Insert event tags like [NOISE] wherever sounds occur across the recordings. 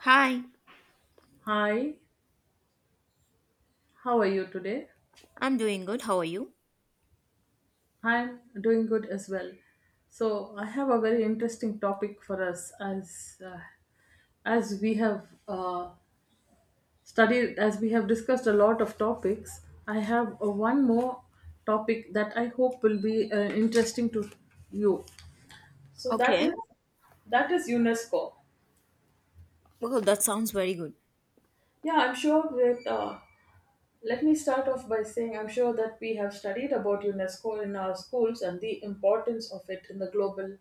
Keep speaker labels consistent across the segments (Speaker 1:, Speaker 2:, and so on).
Speaker 1: Hi,
Speaker 2: Hi, how are you today?
Speaker 1: I'm doing good. How are you?
Speaker 2: I'm doing good as well. So I have a very interesting topic for us as we have discussed a lot of topics. I have one more topic that I hope will be interesting to you. So that is
Speaker 1: Okay.
Speaker 2: UNESCO.
Speaker 1: Well, that sounds very good.
Speaker 2: Yeah, I'm sure that let me start off by saying I'm sure that we have studied about UNESCO in our schools and the importance of it in the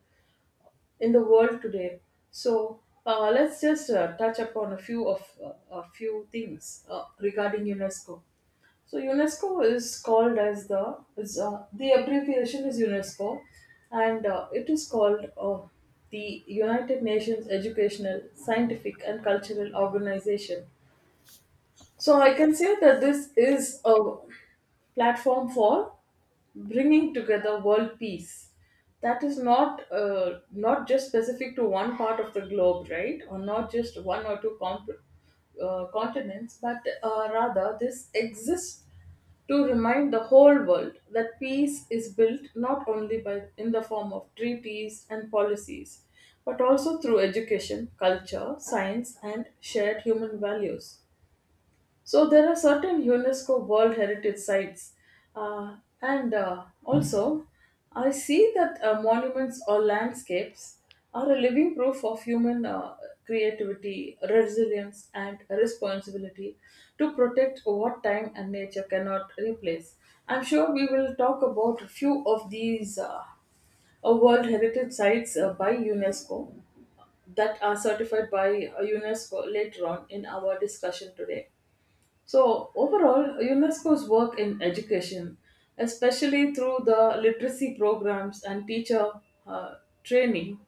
Speaker 2: in the world today. So let's just touch upon a few things regarding UNESCO. So UNESCO is called as the abbreviation is UNESCO, and it is called the United Nations Educational, Scientific, and Cultural Organization. So I can say that this is a platform for bringing together world peace. That is not just specific to one part of the globe, right, or not just one or two continents, but rather this exists to remind the whole world that peace is built not only by in the form of treaties and policies, but also through education, culture, science, and shared human values. So there are certain UNESCO World Heritage Sites, uh, and also I see that monuments or landscapes are a living proof of human creativity, resilience, and responsibility to protect what time and nature cannot replace. I'm sure we will talk about a few of these World Heritage Sites by UNESCO that are certified by UNESCO later on in our discussion today. So, overall, UNESCO's work in education, especially through the literacy programs and teacher uh, training,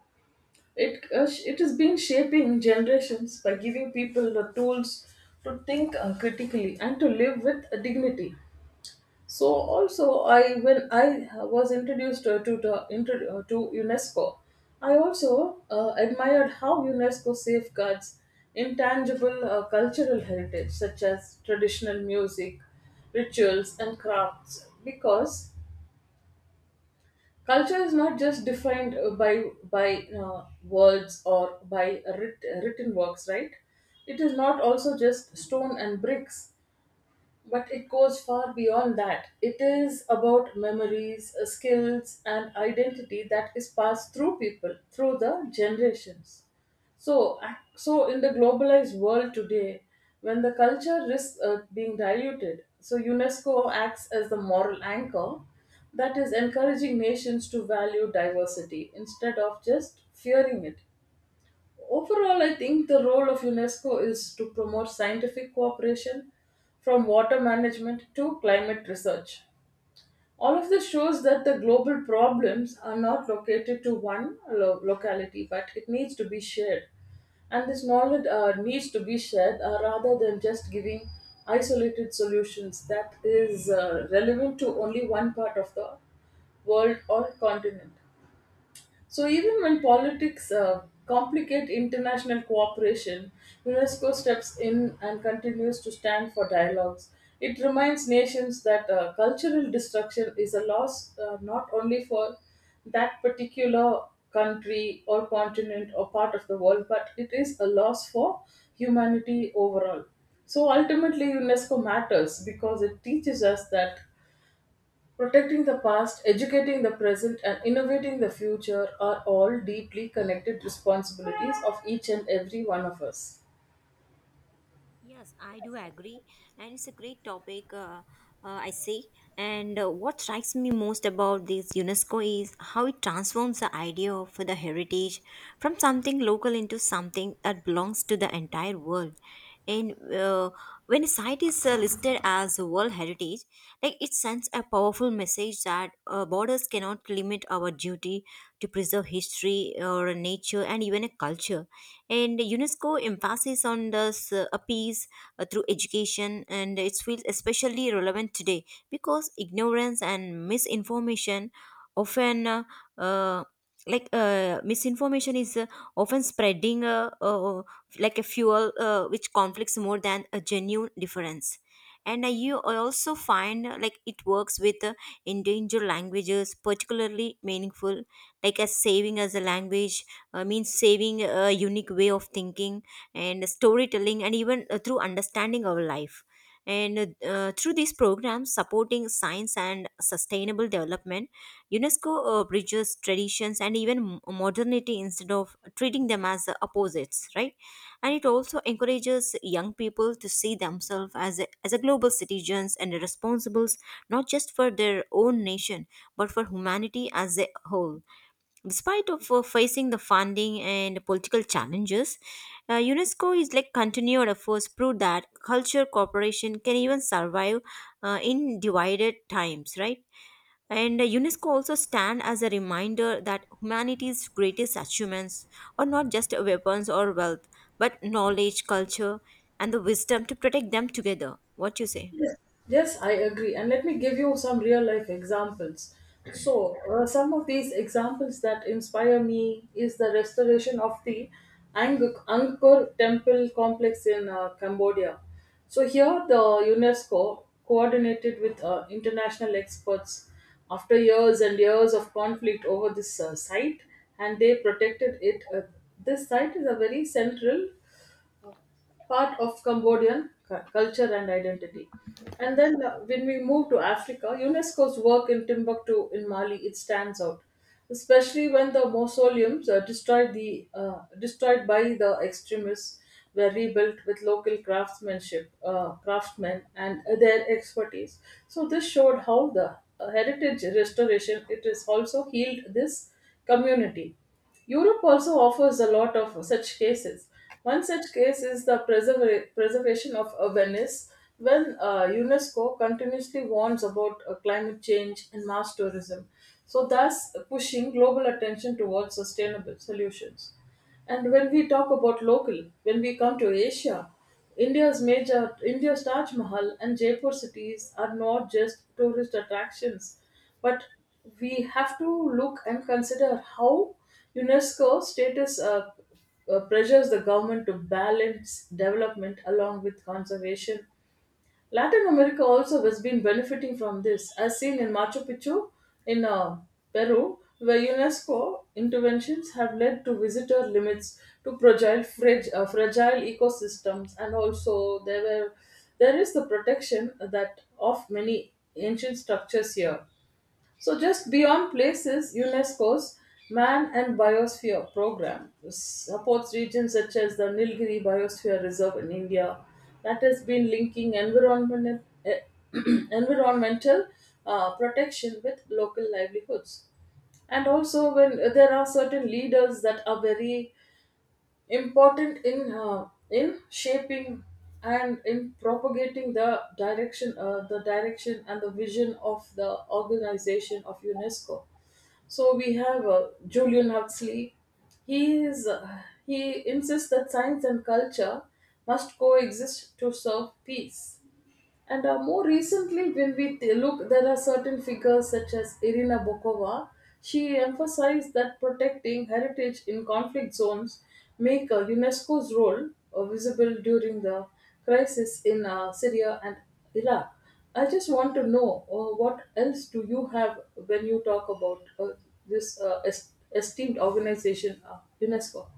Speaker 2: it has been shaping generations by giving people the tools to think critically and to live with dignity. So also, I when I was introduced to UNESCO, I also admired how UNESCO safeguards intangible cultural heritage such as traditional music, rituals, and crafts. Because culture is not just defined by words or by written works, right? It is not also just stone and bricks, but it goes far beyond that. It is about memories, skills, and identity that is passed through people, through the generations. So, in the globalized world today, when the culture risks being diluted, so UNESCO acts as the moral anchor that is encouraging nations to value diversity instead of just fearing it. Overall, I think the role of UNESCO is to promote scientific cooperation from water management to climate research. All of this shows that the global problems are not located to one locality, but it needs to be shared. And this knowledge needs to be shared rather than just giving isolated solutions that is relevant to only one part of the world or continent. So even when politics complicate international cooperation, UNESCO steps in and continues to stand for dialogues. It reminds nations that cultural destruction is a loss not only for that particular country or continent or part of the world, but it is a loss for humanity overall. So ultimately, UNESCO matters because it teaches us that protecting the past, educating the present, and innovating the future are all deeply connected responsibilities of each and every one of us.
Speaker 1: Yes, I do agree, and it's a great topic. I see, and what strikes me most about this UNESCO is how it transforms the idea of the heritage from something local into something that belongs to the entire world. And When a site is listed as a World Heritage, like, it sends a powerful message that borders cannot limit our duty to preserve history or nature and even a culture, and UNESCO emphasis on this appease through education, and it feels especially relevant today because ignorance and misinformation often uh, like misinformation is often spreading like a fuel which conflicts more than a genuine difference. And you I also find like it works with endangered languages, particularly meaningful, like, as saving as a language means saving a unique way of thinking and storytelling, and even through understanding our life. And Through these programs supporting science and sustainable development, UNESCO bridges traditions and even modernity instead of treating them as opposites, right? And it also encourages young people to see themselves as as a global citizens and responsibles, not just for their own nation but for humanity as a whole. Despite of facing the funding and political challenges, UNESCO is like continued efforts prove that culture cooperation can even survive in divided times, right? And UNESCO also stand as a reminder that humanity's greatest achievements are not just weapons or wealth, but knowledge, culture, and the wisdom to protect them together. What you say?
Speaker 2: Yes, yes, I agree. And let me give you some real life examples. So, some of these examples that inspire me is the restoration of the Angkor Temple complex in Cambodia. So, here the UNESCO coordinated with international experts after years and years of conflict over this site, and they protected it. This site is a very central part of Cambodian culture and identity. And then when we move to Africa, UNESCO's work in Timbuktu in Mali it stands out, especially when the mausoleums are destroyed, the destroyed by the extremists, were rebuilt with local craftsmanship, craftsmen and their expertise. So this showed how the heritage restoration it is also healed this community. Europe also offers a lot of such cases. One such case is the preservation of Venice, when UNESCO continuously warns about climate change and mass tourism, so thus pushing global attention towards sustainable solutions. And when we talk about local, when we come to Asia, India's Taj Mahal and Jaipur cities are not just tourist attractions, but we have to look and consider how UNESCO status pressures the government to balance development along with conservation. Latin America also has been benefiting from this, as seen in Machu Picchu in Peru, where UNESCO interventions have led to visitor limits to fragile ecosystems, and also there were there is the protection that of many ancient structures here. So just beyond places, UNESCO's Man and Biosphere program supports regions such as the Nilgiri Biosphere Reserve in India that has been linking [CLEARS THROAT] environmental protection with local livelihoods. And also when there are certain leaders that are very important in shaping and in propagating the direction and the vision of the organization of UNESCO. So we have Julian Huxley. He insists that science and culture must coexist to serve peace. And more recently, when we look, there are certain figures such as Irina Bokova. She emphasized that protecting heritage in conflict zones make UNESCO's role visible during the crisis in Syria and Iraq. I just want to know what else do you have when you talk about this esteemed organization, UNESCO?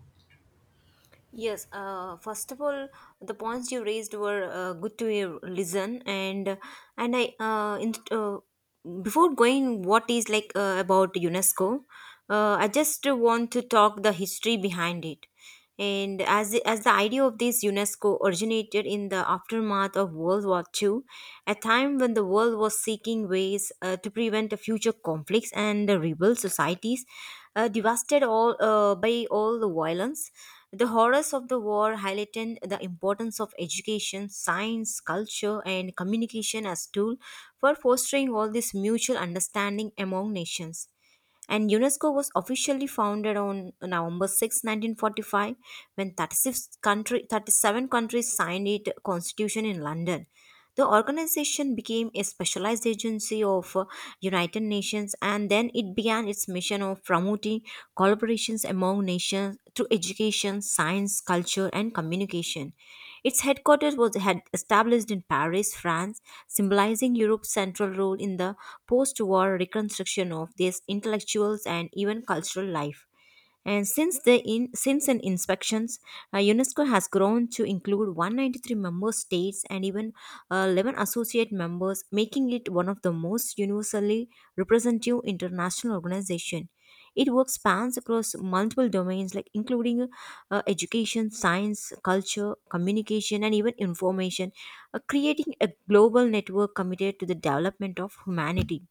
Speaker 1: Yes, first of all, the points you raised were good to listen, and and I uh, in, uh, before going, what is like about UNESCO? I just want to talk the history behind it, and as the idea of this UNESCO originated in the aftermath of World War Two, a time when the world was seeking ways to prevent the future conflicts and the rebel societies devastated all by all the violence. The horrors of the war highlighted the importance of education, science, culture, and communication as tool for fostering all this mutual understanding among nations, and UNESCO was officially founded on November 6, 1945, when 37 countries signed its constitution in London. The organization became a specialized agency of United Nations, and then it began its mission of promoting collaborations among nations through education, science, culture, and communication. Its headquarters was had established in Paris, France, symbolizing Europe's central role in the post-war reconstruction of their intellectuals and even cultural life. And since an inspections, UNESCO has grown to include 193-member states and even 11 associate members, making it one of the most universally representative international organization. It works spans across multiple domains, like including education, science, culture, communication, and even information, creating a global network committed to the development of humanity.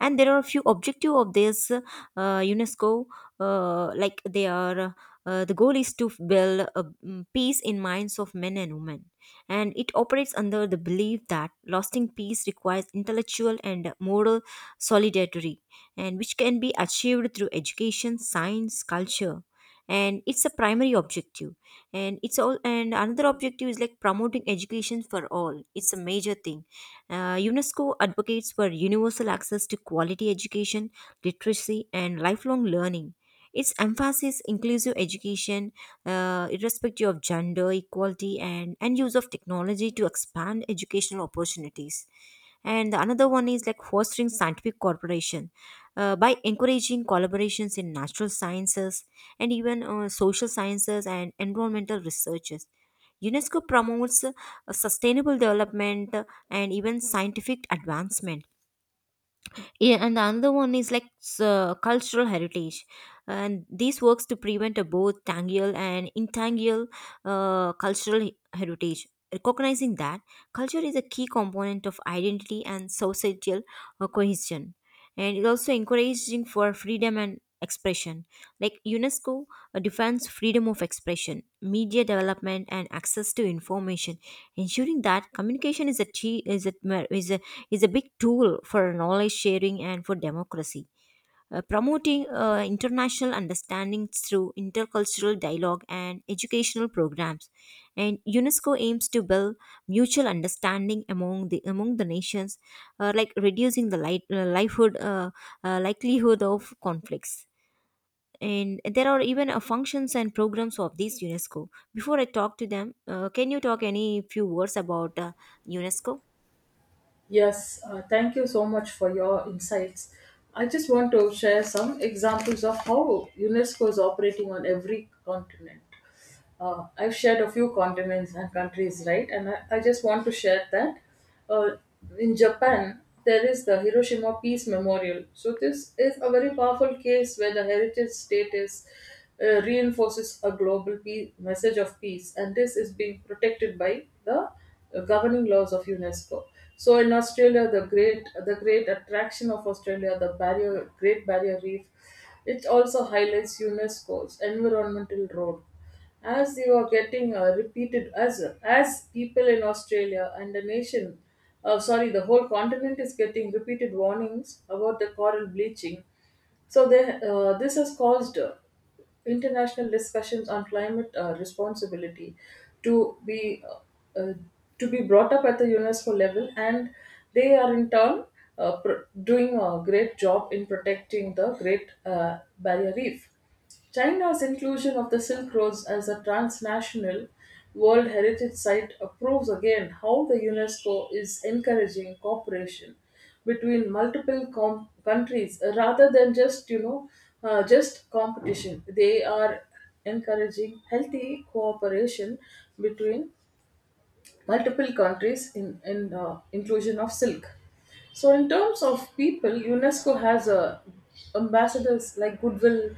Speaker 1: And there are a few objective of this unesco, uh, like they are the goal is to build a peace in minds of men and women, and it operates under the belief that lasting peace requires intellectual and moral solidarity, and which can be achieved through education, science, culture, and it's a primary objective. And it's all, and another objective is like promoting education for all. It's a major thing. UNESCO advocates for universal access to quality education, literacy, and lifelong learning. Its emphasis inclusive education, irrespective of gender, equality, and use of technology to expand educational opportunities. And the another one is like fostering scientific cooperation by encouraging collaborations in natural sciences and even social sciences and environmental researches. UNESCO promotes sustainable development, and even scientific advancement. Yeah, and the another one is like cultural heritage, and this works to prevent a both tangible and intangible cultural heritage. Recognizing that culture is a key component of identity and societal cohesion, and it also encouraging for freedom and expression. Like UNESCO defines freedom of expression, media development, and access to information, ensuring that communication is a chi- is a, is a is a big tool for knowledge sharing and for democracy. Promoting international understanding through intercultural dialogue and educational programs, and unesco aims to build mutual understanding among the nations, like reducing the light, livelihood likelihood of conflicts. And there are even functions and programs of this unesco. Before I talk to them, can you talk any few words about unesco?
Speaker 2: Yes, thank you so much for your insights. I just want to share some examples of how UNESCO is operating on every continent. I've shared a few continents and countries, right? And I just want to share that uh, in Japan, there is the Hiroshima Peace Memorial. So, this is a very powerful case where the heritage status reinforces a global peace, message of peace, and this is being protected by the governing laws of UNESCO. So, in Australia, the great attraction of Australia, the barrier Great Barrier Reef, it also highlights UNESCO's environmental role as they were getting repeated as people in Australia and the nation, sorry the whole continent is getting repeated warnings about the coral bleaching. So this has caused international discussions on climate responsibility to be uh, uh, to be brought up at the UNESCO level, and they are in turn doing a great job in protecting the Great Barrier Reef. China's inclusion of the Silk Roads as a transnational World Heritage Site proves again how the UNESCO is encouraging cooperation between multiple countries, rather than just you know just competition. They are encouraging healthy cooperation between multiple countries in inclusion of silk. So in terms of people, UNESCO has a ambassadors like goodwill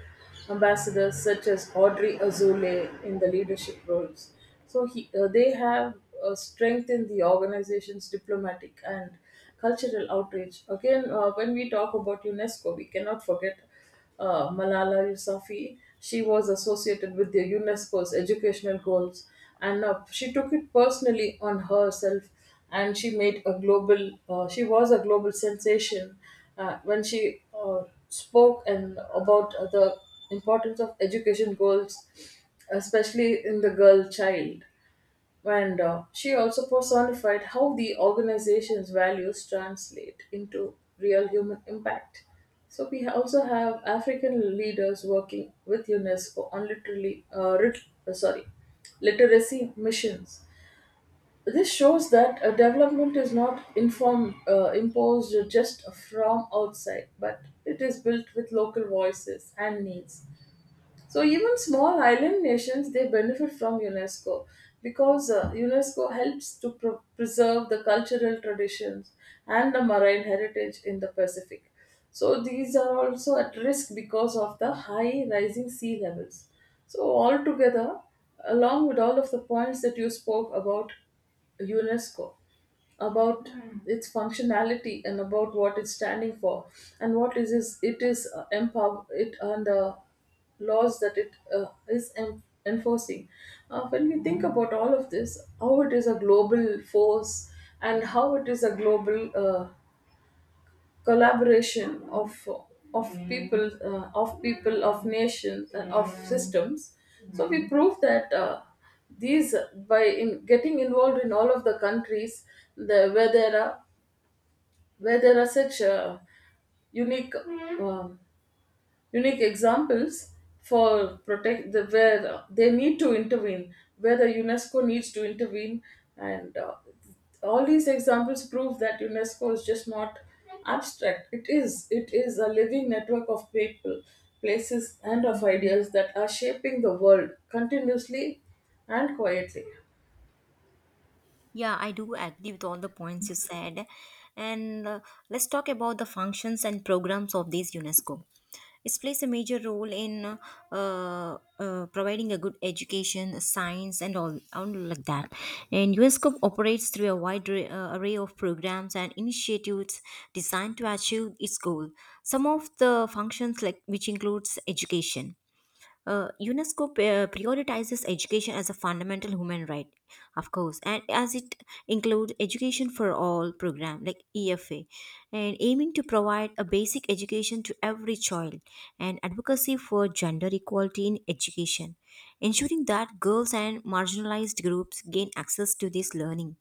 Speaker 2: ambassadors such as Audrey Azoulay in the leadership roles. So they have strengthened the organization's diplomatic and cultural outreach. Again, when we talk about UNESCO, we cannot forget Malala Yousafzai. She was associated with the UNESCO's educational goals, and she took it personally on herself. And she made a global. She was a global sensation when she spoke and about the importance of education goals, especially in the girl child. And she also personified how the organization's values translate into real human impact. So we also have African leaders working with UNESCO on uh, sorry, literacy missions. This shows that development is not informed, imposed just from outside, but it is built with local voices and needs. So even small island nations they benefit from UNESCO because UNESCO helps to preserve the cultural traditions and the marine heritage in the Pacific. So these are also at risk because of the high rising sea levels. So altogether, along with all of the points that you spoke about UNESCO, about its functionality and about what it's standing for and what is it is empower it and the laws that it is enforcing. When we think about all of this, how it is a global force and how it is a global collaboration of people, of people, of nations, and of systems, so we prove that these by in getting involved in all of the countries the, where there are where there are such unique um unique examples for protect the where they need to intervene, where the UNESCO needs to intervene. And All these examples prove that UNESCO is just not abstract. It is a living network of people, places, and of ideas that are shaping the world continuously and quietly.
Speaker 1: Yeah, I do agree with all the points you said. And let's talk about the functions and programs of these UNESCO. It plays a major role in providing a good education, science, and all like that. And UNESCO operates through a wide array of programs and initiatives designed to achieve its goal. Some of the functions, like which includes education. UNESCO prioritizes education as a fundamental human right, of course, and as it includes education for all program like EFA, and aiming to provide a basic education to every child, and advocacy for gender equality in education, ensuring that girls and marginalized groups gain access to this learning,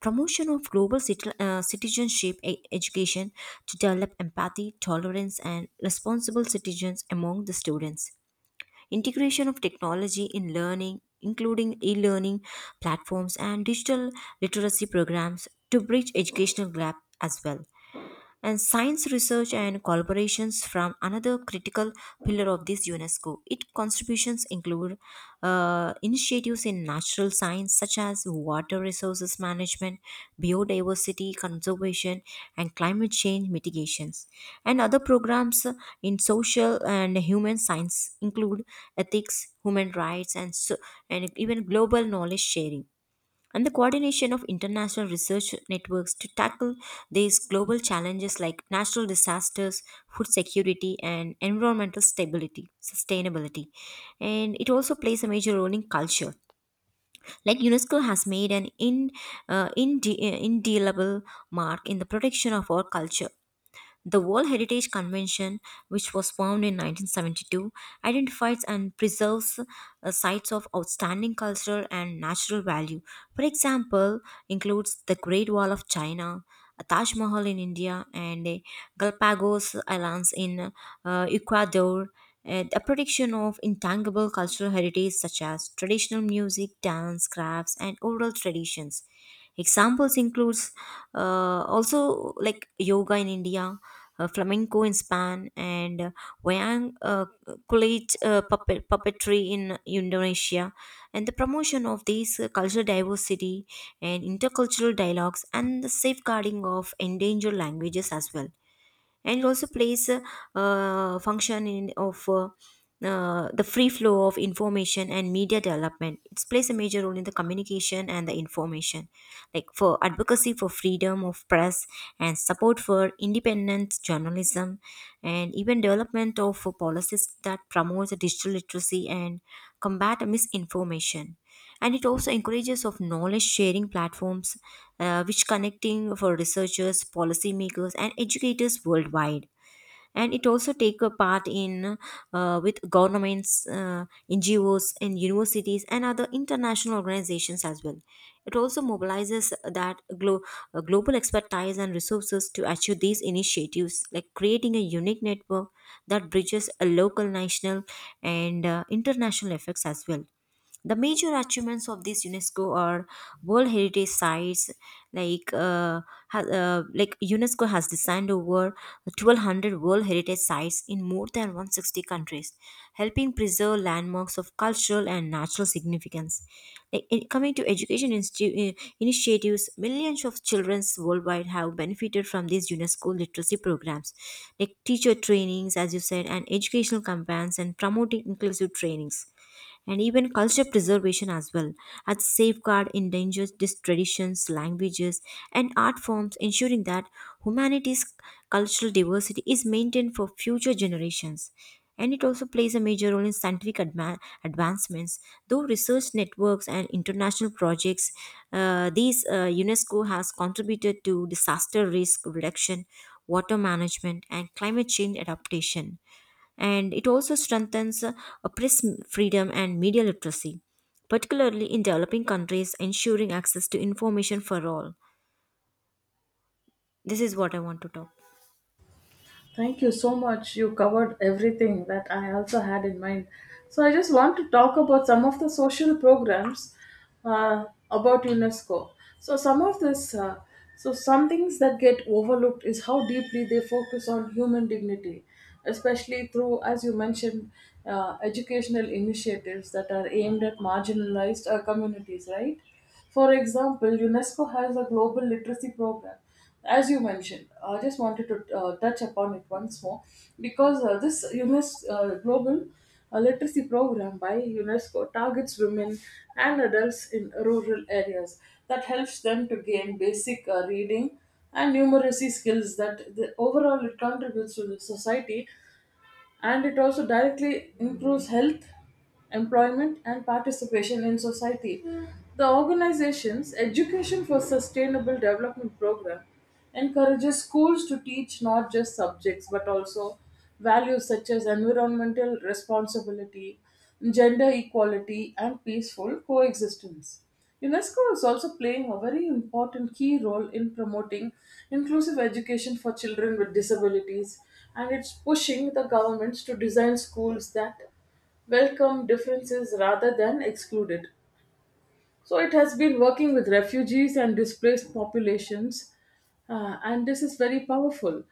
Speaker 1: promotion of global citizenship education to develop empathy, tolerance, and responsible citizens among the students, integration of technology in learning, including e learning platforms and digital literacy programs to bridge educational gap as well. And science research and collaborations from another critical pillar of this UNESCO. Its contributions include initiatives in natural science such as water resources management, biodiversity conservation, and climate change mitigations, and other programs in social and human science include ethics, human rights, and so, and even global knowledge sharing and the coordination of international research networks to tackle these global challenges like natural disasters, food security, and environmental stability, sustainability. And it also plays a major role in culture. Like UNESCO has made an indelible mark in the protection of our culture. The World Heritage Convention, which was formed in 1972, identifies and preserves sites of outstanding cultural and natural value. For example, includes the Great Wall of China, a Taj Mahal in India, and a Galapagos Islands in Ecuador. The protection of intangible cultural heritage such as traditional music, dance, crafts, and oral traditions. Examples includes also like yoga in India, flamenco in Spain, and wayang college puppetry in Indonesia, and the promotion of these cultural diversity and intercultural dialogues, and the safeguarding of endangered languages as well. And it also plays a function in of the free flow of information and media development. It plays a major role in the communication and the information, like, for advocacy for freedom of press and support for independent journalism, and even development of policies that promotes digital literacy and combat misinformation. And it also encourages of knowledge sharing platforms which connecting for researchers, policymakers, and educators worldwide. And it also take a part in with governments, ngos, and universities, and other international organizations as well. It also mobilizes that global expertise and resources to achieve these initiatives, like creating a unique network that bridges a local, national, and international effects as well. The major achievements of this UNESCO are World Heritage Sites, like like UNESCO has designed over 1,200 World Heritage Sites in more than 160 countries, helping preserve landmarks of cultural and natural significance. Like, in- coming to education initiatives, millions of children worldwide have benefited from these UNESCO literacy programs, like teacher trainings, as you said, and educational campaigns and promoting inclusive trainings, and even culture preservation as well, as safeguard endangered these traditions, languages, and art forms, ensuring that humanity's cultural diversity is maintained for future generations. And it also plays a major role in scientific advancements. Though research networks and international projects, these UNESCO has contributed to disaster risk reduction, water management, and climate change adaptation. And it also strengthens press freedom and media literacy, particularly in developing countries, ensuring access to information for all. This is what I want to talk.
Speaker 2: Thank you so much. You covered everything that I also had in mind. So I just want to talk about some of the social programs uh, about UNESCO. So some of this, uh, so some things that get overlooked is how deeply they focus on human dignity, especially through, as you mentioned, educational initiatives that are aimed at marginalized communities, right? For example, UNESCO has a global literacy program. As you mentioned, I just wanted to touch upon it once more because this UNESCO global literacy program by UNESCO targets women and adults in rural areas that helps them to gain basic reading and numeracy skills that overall it contributes to the society, and it also directly improves health, employment, and participation in society. The organization's Education for Sustainable Development program encourages schools to teach not just subjects but also values such as environmental responsibility, gender equality, and peaceful coexistence. UNESCO is also playing a very important key role in promoting inclusive education for children with disabilities, and it's pushing the governments to design schools that welcome differences rather than excluded. So, it has been working with refugees and displaced populations, and this is very powerful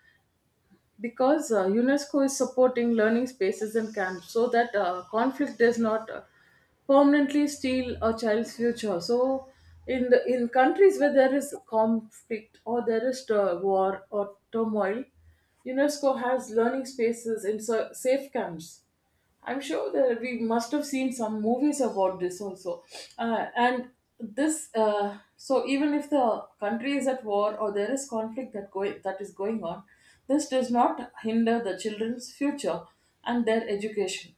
Speaker 2: because UNESCO is supporting learning spaces and camps so that conflict does not permanently steal a child's future. So, in the in countries where there is conflict or there is war or turmoil, UNESCO has learning spaces in safe camps. I'm sure that we must have seen some movies about this also. And this, so even if the country is at war or there is conflict that is going on, this does not hinder the children's future and their education.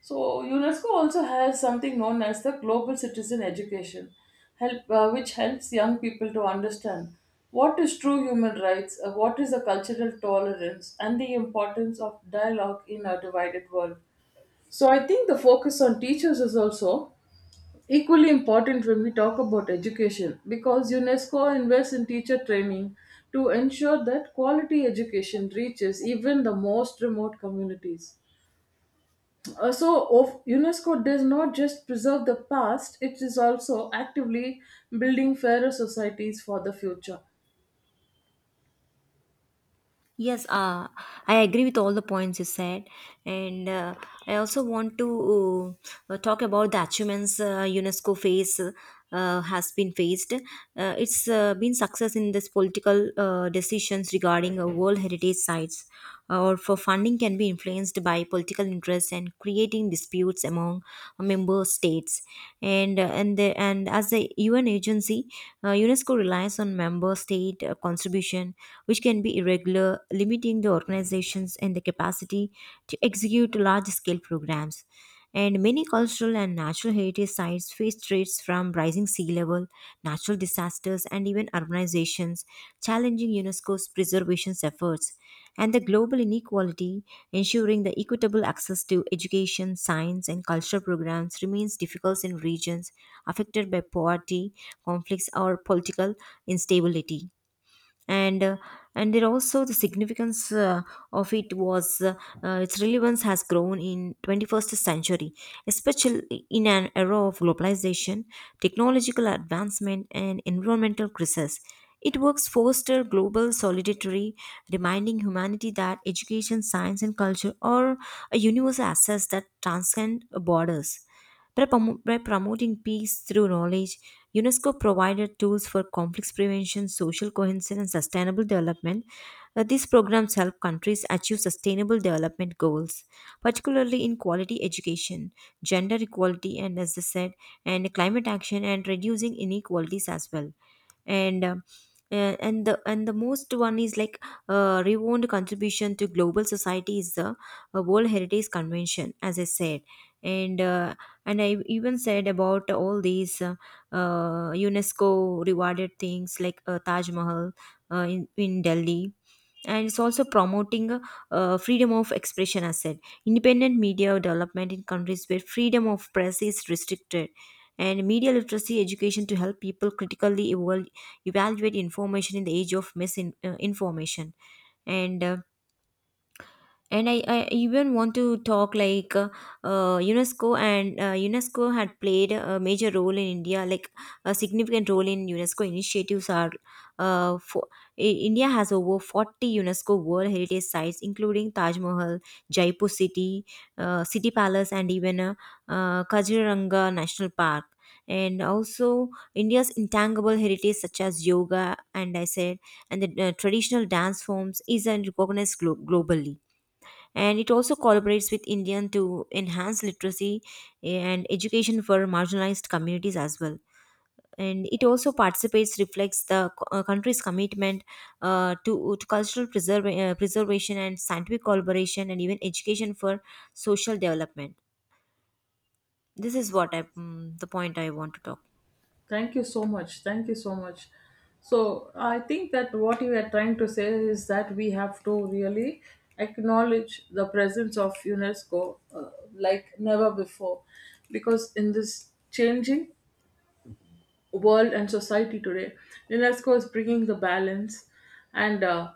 Speaker 2: So UNESCO also has something known as the Global Citizen Education, help which helps young people to understand what is true human rights, what is the cultural tolerance, and the importance of dialogue in a divided world. So I think the focus on teachers is also equally important when we talk about education because UNESCO invests in teacher training to ensure that quality education reaches even the most remote communities. Uh, so UNESCO does not just preserve the past, it is also actively building fairer societies for the future.
Speaker 1: Yes, I agree with all the points you said, and I also want to talk about the achievements UNESCO face has been faced. It's been success in this political decisions regarding World Heritage sites, or for funding can be influenced by political interests and creating disputes among member states. And as a UN agency, UNESCO relies on member state contribution which can be irregular, limiting the organizations and the capacity to execute large scale programs. And many cultural and natural heritage sites face threats from rising sea level, natural disasters, and even urbanizations, challenging UNESCO's preservation efforts. And the global inequality, ensuring the equitable access to education, science, and cultural programs remains difficult in regions affected by poverty, conflicts, or political instability. And uh, and there also the significance of it was its relevance has grown in 21st century, especially in an era of globalization, technological advancement, and environmental crisis. It works foster global solidarity, reminding humanity that education, science, and culture are a universal assets that transcend borders. By promoting peace through knowledge, UNESCO provided tools for conflicts prevention, social cohesion, and sustainable development. These programs help countries achieve sustainable development goals, particularly in quality education, gender equality, and as I said, and climate action and reducing inequalities as well. And And the most one is like renowned contribution to global society is the World Heritage Convention, as I said, and uh, and I even said about all these UNESCO rewarded things like Taj Mahal in Delhi, and it's also promoting freedom of expression. As said, independent media development in countries where freedom of press is restricted. And media literacy education to help people critically evaluate information in the age of misinformation. And uh, and I, I even want to talk like UNESCO had played a major role in India, like a significant role in UNESCO initiatives are uh, for I- India has over 40 UNESCO World Heritage Sites, including Taj Mahal, Jaipur City, City Palace, and even Kaziranga National Park. And also India's intangible heritage, such as yoga, and I said, and the traditional dance forms, is recognized globally. And it also collaborates with Indian to enhance literacy and education for marginalized communities as well. And it also participates, reflects the country's commitment to cultural preserve preservation and scientific collaboration and even education for social development. This is what I, the point I want to talk.
Speaker 2: Thank you so much. Thank you so much. So, I think that what you are trying to say is that we have to really acknowledge the presence of UNESCO like never before. Because in this changing world and society today, UNESCO is bringing the balance and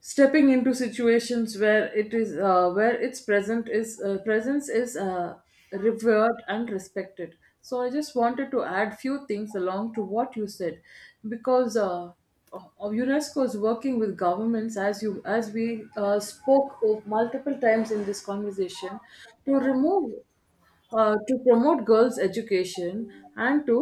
Speaker 2: stepping into situations where it is where its present is presence is revered and respected. So I just wanted to add few things along to what you said because UNESCO is working with governments, as we spoke of multiple times in this conversation, to remove to promote girls education and to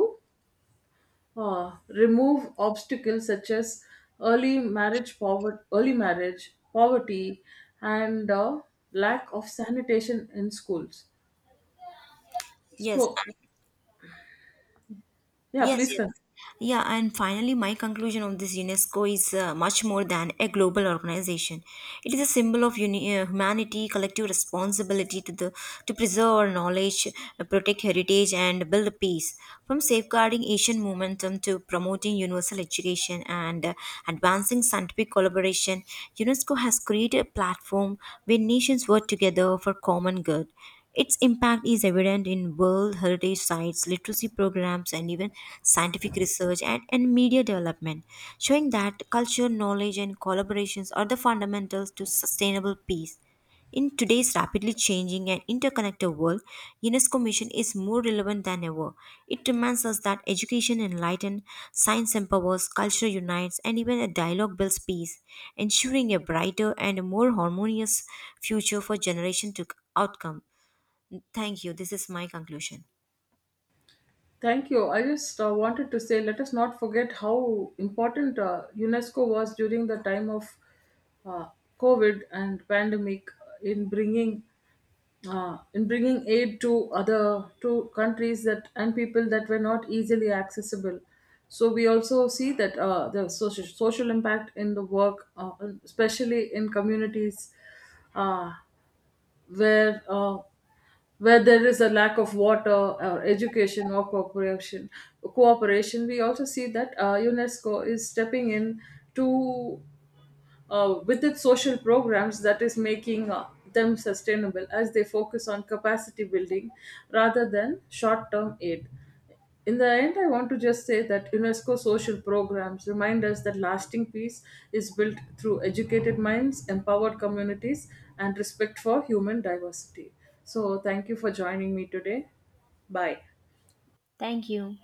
Speaker 2: remove obstacles such as early marriage poverty, and lack of sanitation in schools.
Speaker 1: Yes,
Speaker 2: So, yeah,
Speaker 1: Yes,
Speaker 2: please
Speaker 1: yes.
Speaker 2: continue.
Speaker 1: Yeah, and finally, my conclusion of this UNESCO is much more than a global organization. It is a symbol of humanity, collective responsibility to the to preserve our knowledge, protect heritage, and build peace. From safeguarding Asian momentum to promoting universal education and advancing scientific collaboration, UNESCO has created a platform where nations work together for common good. Its impact is evident in World Heritage Sites, literacy programs, and even scientific research and media development, showing that culture, knowledge, and collaborations are the fundamentals to sustainable peace. In today's rapidly changing and interconnected world, UNESCO mission is more relevant than ever. It reminds us that education enlightens, science empowers, culture unites, and even a dialogue builds peace, ensuring a brighter and more harmonious future for generation to outcome. Thank you. This is my conclusion.
Speaker 2: Thank you. I just wanted to say, let us not forget how important UNESCO was during the time of uh, COVID and pandemic in bringing in bringing aid to other to countries that and people that were not easily accessible. So we also see that the social impact in the work, especially in communities uh, where uh, where there is a lack of water or education or cooperation. We also see that UNESCO is stepping in to with its social programs that is making them sustainable as they focus on capacity building rather than short term aid. In the end, I want to just say that UNESCO social programs remind us that lasting peace is built through educated minds, empowered communities, and respect for human diversity. So, thank you for joining me today. Bye.
Speaker 1: Thank you.